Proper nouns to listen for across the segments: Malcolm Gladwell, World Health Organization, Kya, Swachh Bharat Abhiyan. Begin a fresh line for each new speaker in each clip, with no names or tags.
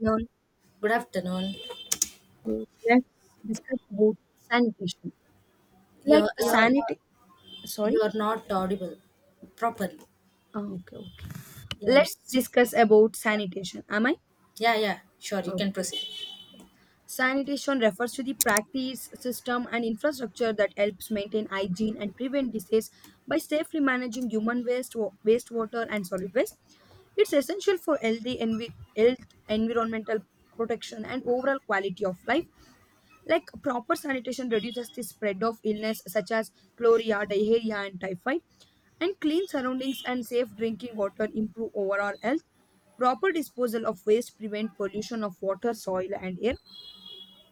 Now let's
Good afternoon.
discuss about sanitation. Like
You're
a
you're
sanity, sorry.
you're not audible properly.
Ah, okay, okay.
Yeah,
Let's
it's,
discuss about sanitation. Am I?
yeah, yeah. Sure, you can
Okay.
proceed.
Sanitation refers to the practice, system, and infrastructure that helps maintain hygiene and prevent disease by safely managing human waste, wastewater, and solid waste. It's essential for health, environmental protection, and overall quality of life. Like proper sanitation reduces the spread of illness such as chloria, diarrhea, and typhoid, and clean surroundings and safe drinking water improve overall health. Proper disposal of waste prevent pollution of water, soil, and air.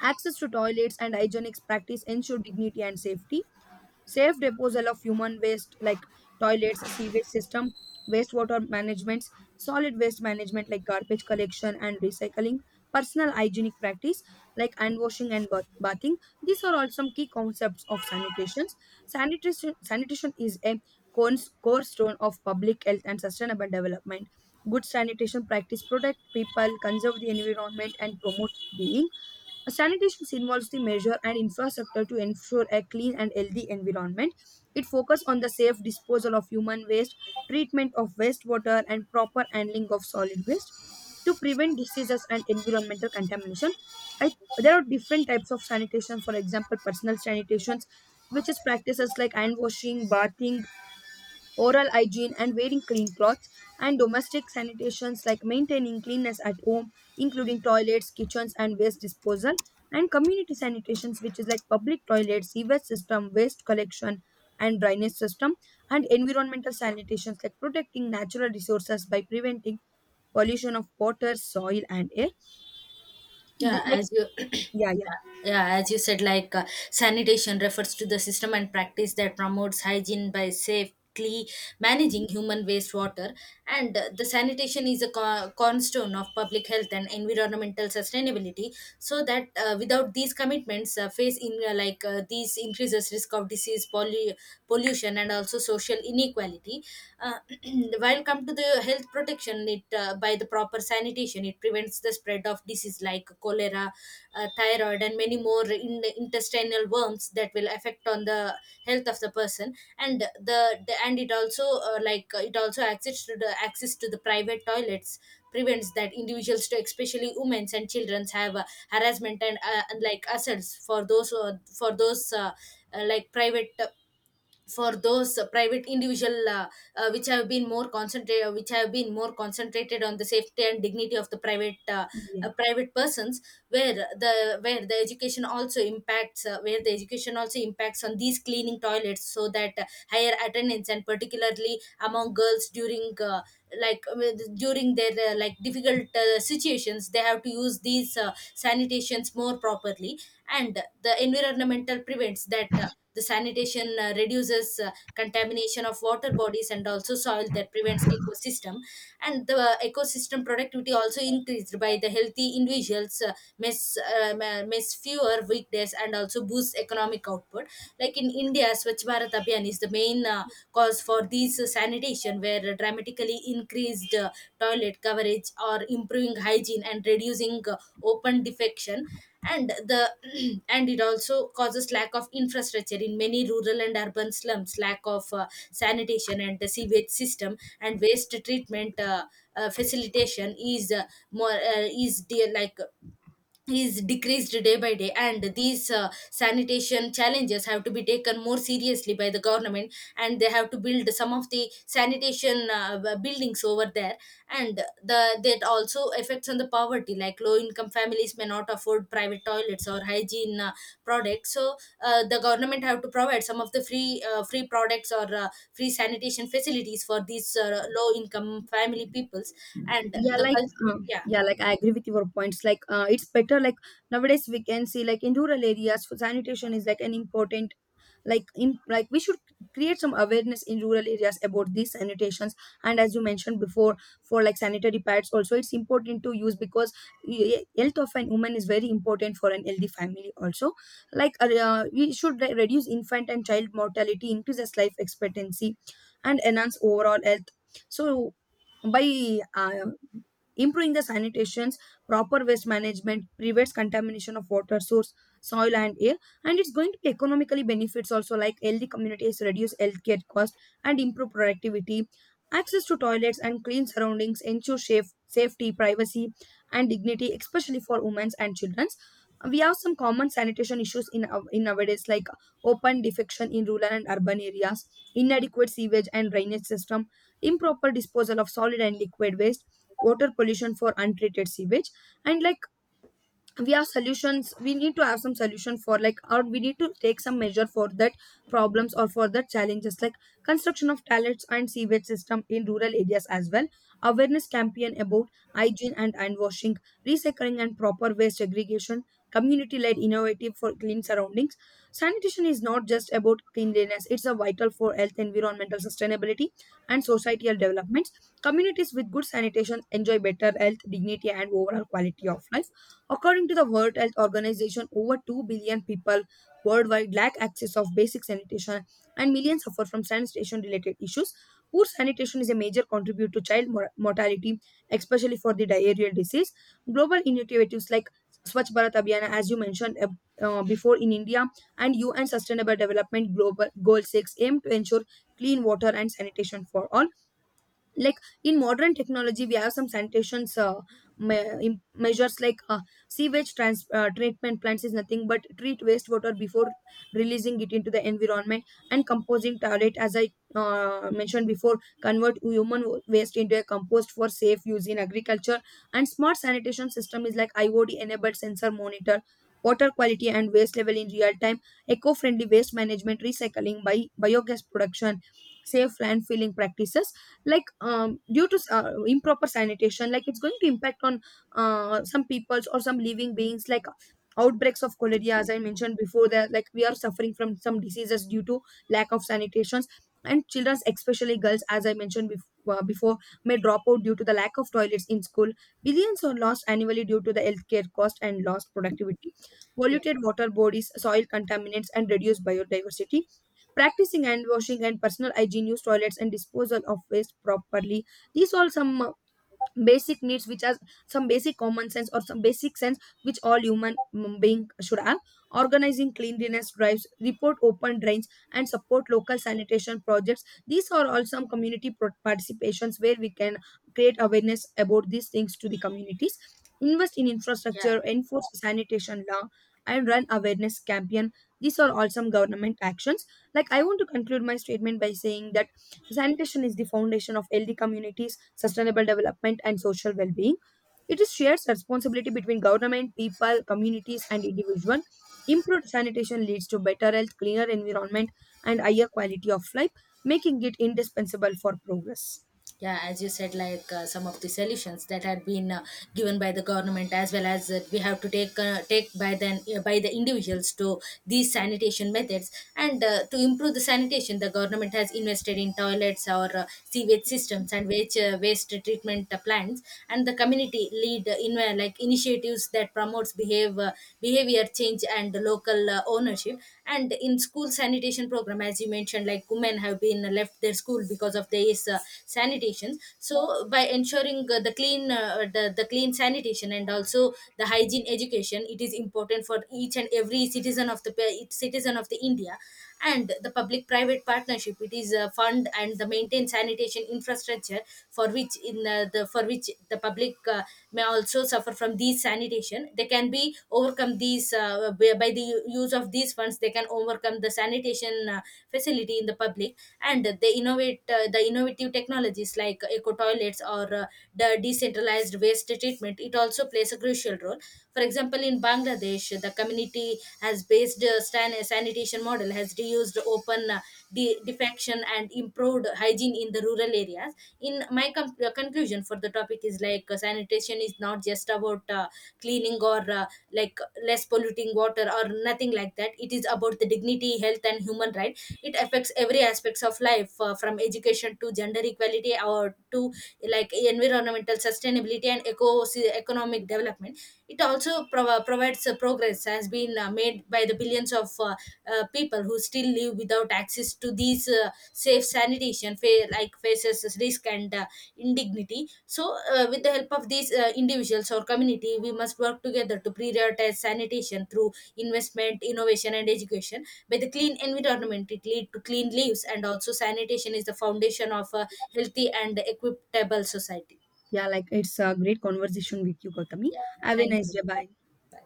Access to toilets and hygienic practice ensure dignity and safety, safe disposal of human waste like toilets, sewage system, wastewater management, solid waste management like garbage collection and recycling, personal hygienic practice like hand washing and bathing. These are all some key concepts of sanitation. Sanitation is a cornerstone of public health and sustainable development. Good sanitation practice protect people, conserve the environment, and promote well-being. Sanitation involves the measure and infrastructure to ensure a clean and healthy environment. It focuses on the safe disposal of human waste, treatment of wastewater, and proper handling of solid waste to prevent diseases and environmental contamination. I, there are different types of sanitation, for example, personal sanitations, which is practices like hand washing, bathing, oral hygiene, and wearing clean clothes, and domestic sanitations like maintaining cleanness at home, including toilets, kitchens, and waste disposal, and community sanitations, which is like public toilets, sewage system, waste collection, and drainage system, and environmental sanitations like protecting natural resources by preventing pollution of water, soil, and air.
Yeah,
Like,
as you
yeah, yeah.
yeah, as you said, sanitation refers to the system and practice that promotes hygiene by safely managing human wastewater, and the sanitation is a cornerstone of public health and environmental sustainability. So that without these commitments, face in these increases risk of disease, pollution and also social inequality. Uh, while come to the health protection, it by the proper sanitation, it prevents the spread of disease like cholera, thyroid, and many more intestinal worms that will affect on the health of the person. And the and it also it also access to the private toilets prevents that individuals to especially women and children have harassment and like assaults for those like private for those private individual which have been more concentrated on the safety and dignity of the private
Yeah.
private persons where the education also impacts on these cleaning toilets so that higher attendance and particularly among girls during during their difficult situations they have to use these sanitations more properly and the environmental prevents that the sanitation reduces contamination of water bodies and also soil that prevents ecosystem and the ecosystem productivity also increased by the healthy individuals miss fewer weekdays and also boosts economic output like in India Swachh Bharat Abhiyan is the main cause for these sanitation where dramatically increased toilet coverage or improving hygiene and reducing open defecation and the and it also causes lack of infrastructure in many rural and urban slums lack of sanitation and the sewage system and waste treatment facilitation is more is dear is decreased day by day and these sanitation challenges have to be taken more seriously by the government and they have to build some of the sanitation buildings over there and the that also affects on the poverty like low income families may not afford private toilets or hygiene products so the government have to provide some of the free free products or free sanitation facilities for these low income family peoples and
Yeah, like uh,
yeah,
yeah, like I agree with your points. Like, it's better. Like, nowadays we can see like in rural areas for sanitation is like an important. Like in, like, we should create some awareness in rural areas about these sanitations. And as you mentioned before, for like sanitary pads also, it's important to use because health of an woman is very important for an healthy family also. Like we should reduce infant and child mortality, increases life expectancy, and enhance overall health. So by improving the sanitations, proper waste management prevents contamination of water source, soil, and air. And it's going to economically benefits also, like healthy communities reduce healthcare cost and improve productivity. Access to toilets and clean surroundings ensure safety, privacy, and dignity, especially for women and children. We have some common sanitation issues in, in nowadays, like open defecation in rural and urban areas, inadequate sewage and drainage system, improper disposal of solid and liquid waste, water pollution for untreated sewage. And like, we have solutions. We need to have some solution for, like, or we need to take some measure for that problems or for the challenges, like construction of toilets and sewage system in rural areas as well, awareness campaign about hygiene and hand washing, recycling and proper waste segregation, community led innovative for clean surroundings. Sanitation is not just about cleanliness, it's a vital for health, environmental sustainability, and societal developments. Communities with good sanitation enjoy better health, dignity, and overall quality of life. According to the World Health Organization, over 2 billion people worldwide lack access of basic sanitation, and millions suffer from sanitation related issues. Poor sanitation is a major contributor to child mortality, especially for the diarrheal disease. Global initiatives like Swachh Bharat Abhiyan, as you mentioned before in India, and UN Sustainable Development Global Goal 6 aim to ensure clean water and sanitation for all. Like, in modern technology we have some measures, like sewage treatment plants is nothing but treat wastewater before releasing it into the environment. And composing toilet, as I mentioned before, convert human waste into a compost for safe use in agriculture. And smart sanitation system is like iod enabled sensor monitor water quality and waste level in real time. Eco-friendly waste management, recycling by biogas production, safe landfilling practices. Like due to improper sanitation, like it's going to impact on some peoples or some living beings, like outbreaks of cholera. As I mentioned before, that like we are suffering from some diseases due to lack of sanitations. And children, especially girls, as I mentioned before, may drop out due to the lack of toilets in school. Billions are lost annually due to the healthcare cost and lost productivity,
yeah,
polluted water bodies, soil contaminants, and reduced biodiversity. Practicing hand washing and personal hygiene, use toilets and disposal of waste properly, these all some basic needs, which are some basic common sense or some basic sense which all human being should have. Organizing cleanliness drives, report open drains, and support local sanitation projects, these are all some community participations where we can create awareness about these things to the communities. Invest in
yeah.
infrastructure, enforce sanitation law, and run awareness campaign, these are all some government actions. Like, I want to conclude my statement by saying that sanitation is the foundation of healthy communities, sustainable development, and social well being. It is shared responsibility between government, people, communities, and individual. Improved sanitation leads to better health, cleaner environment, and higher quality of life, making it indispensable for progress.
Yeah, as you said, some of the solutions that had been given by the government as well as we have to take by the individuals to these sanitation methods and to improve the sanitation the government has invested in toilets or sewage systems and waste treatment plants and the community lead in like initiatives that promotes behave behavior change and local ownership and in school sanitation program as you mentioned like women have been left their school because of this sanitation so by ensuring the clean the clean sanitation and also the hygiene education it is important for each and every citizen of the each citizen of the India and the public private partnership it is a fund and the maintain sanitation infrastructure for which in the for which the public may also suffer from these sanitation they can be overcome these by the use of these funds they can overcome the sanitation facility in the public and they innovate the innovative technologies like eco toilets or the decentralized waste treatment it also plays a crucial role for example, in Bangladesh, the community has based sanitation model has reused open defection and improved hygiene in the rural areas. In my conclusion for the topic is sanitation is not just about cleaning or like less polluting water or nothing like that. It is about the dignity, health, and human right. It affects every aspects of life from education to gender equality or to like environmental sustainability and eco economic development it also provides progress has been made by the billions of people who still live without access to these safe sanitation, faces risk and indignity. So, with the help of these individuals or community, we must work together to prioritize sanitation through investment, innovation, and education. By the clean environment, it lead to clean lives, and also sanitation is the foundation of a healthy and equitable society.
Yeah, like it's a great conversation with you, Gautami.
Yeah,
Have a
thank
nice
you.
day. Bye.
Bye.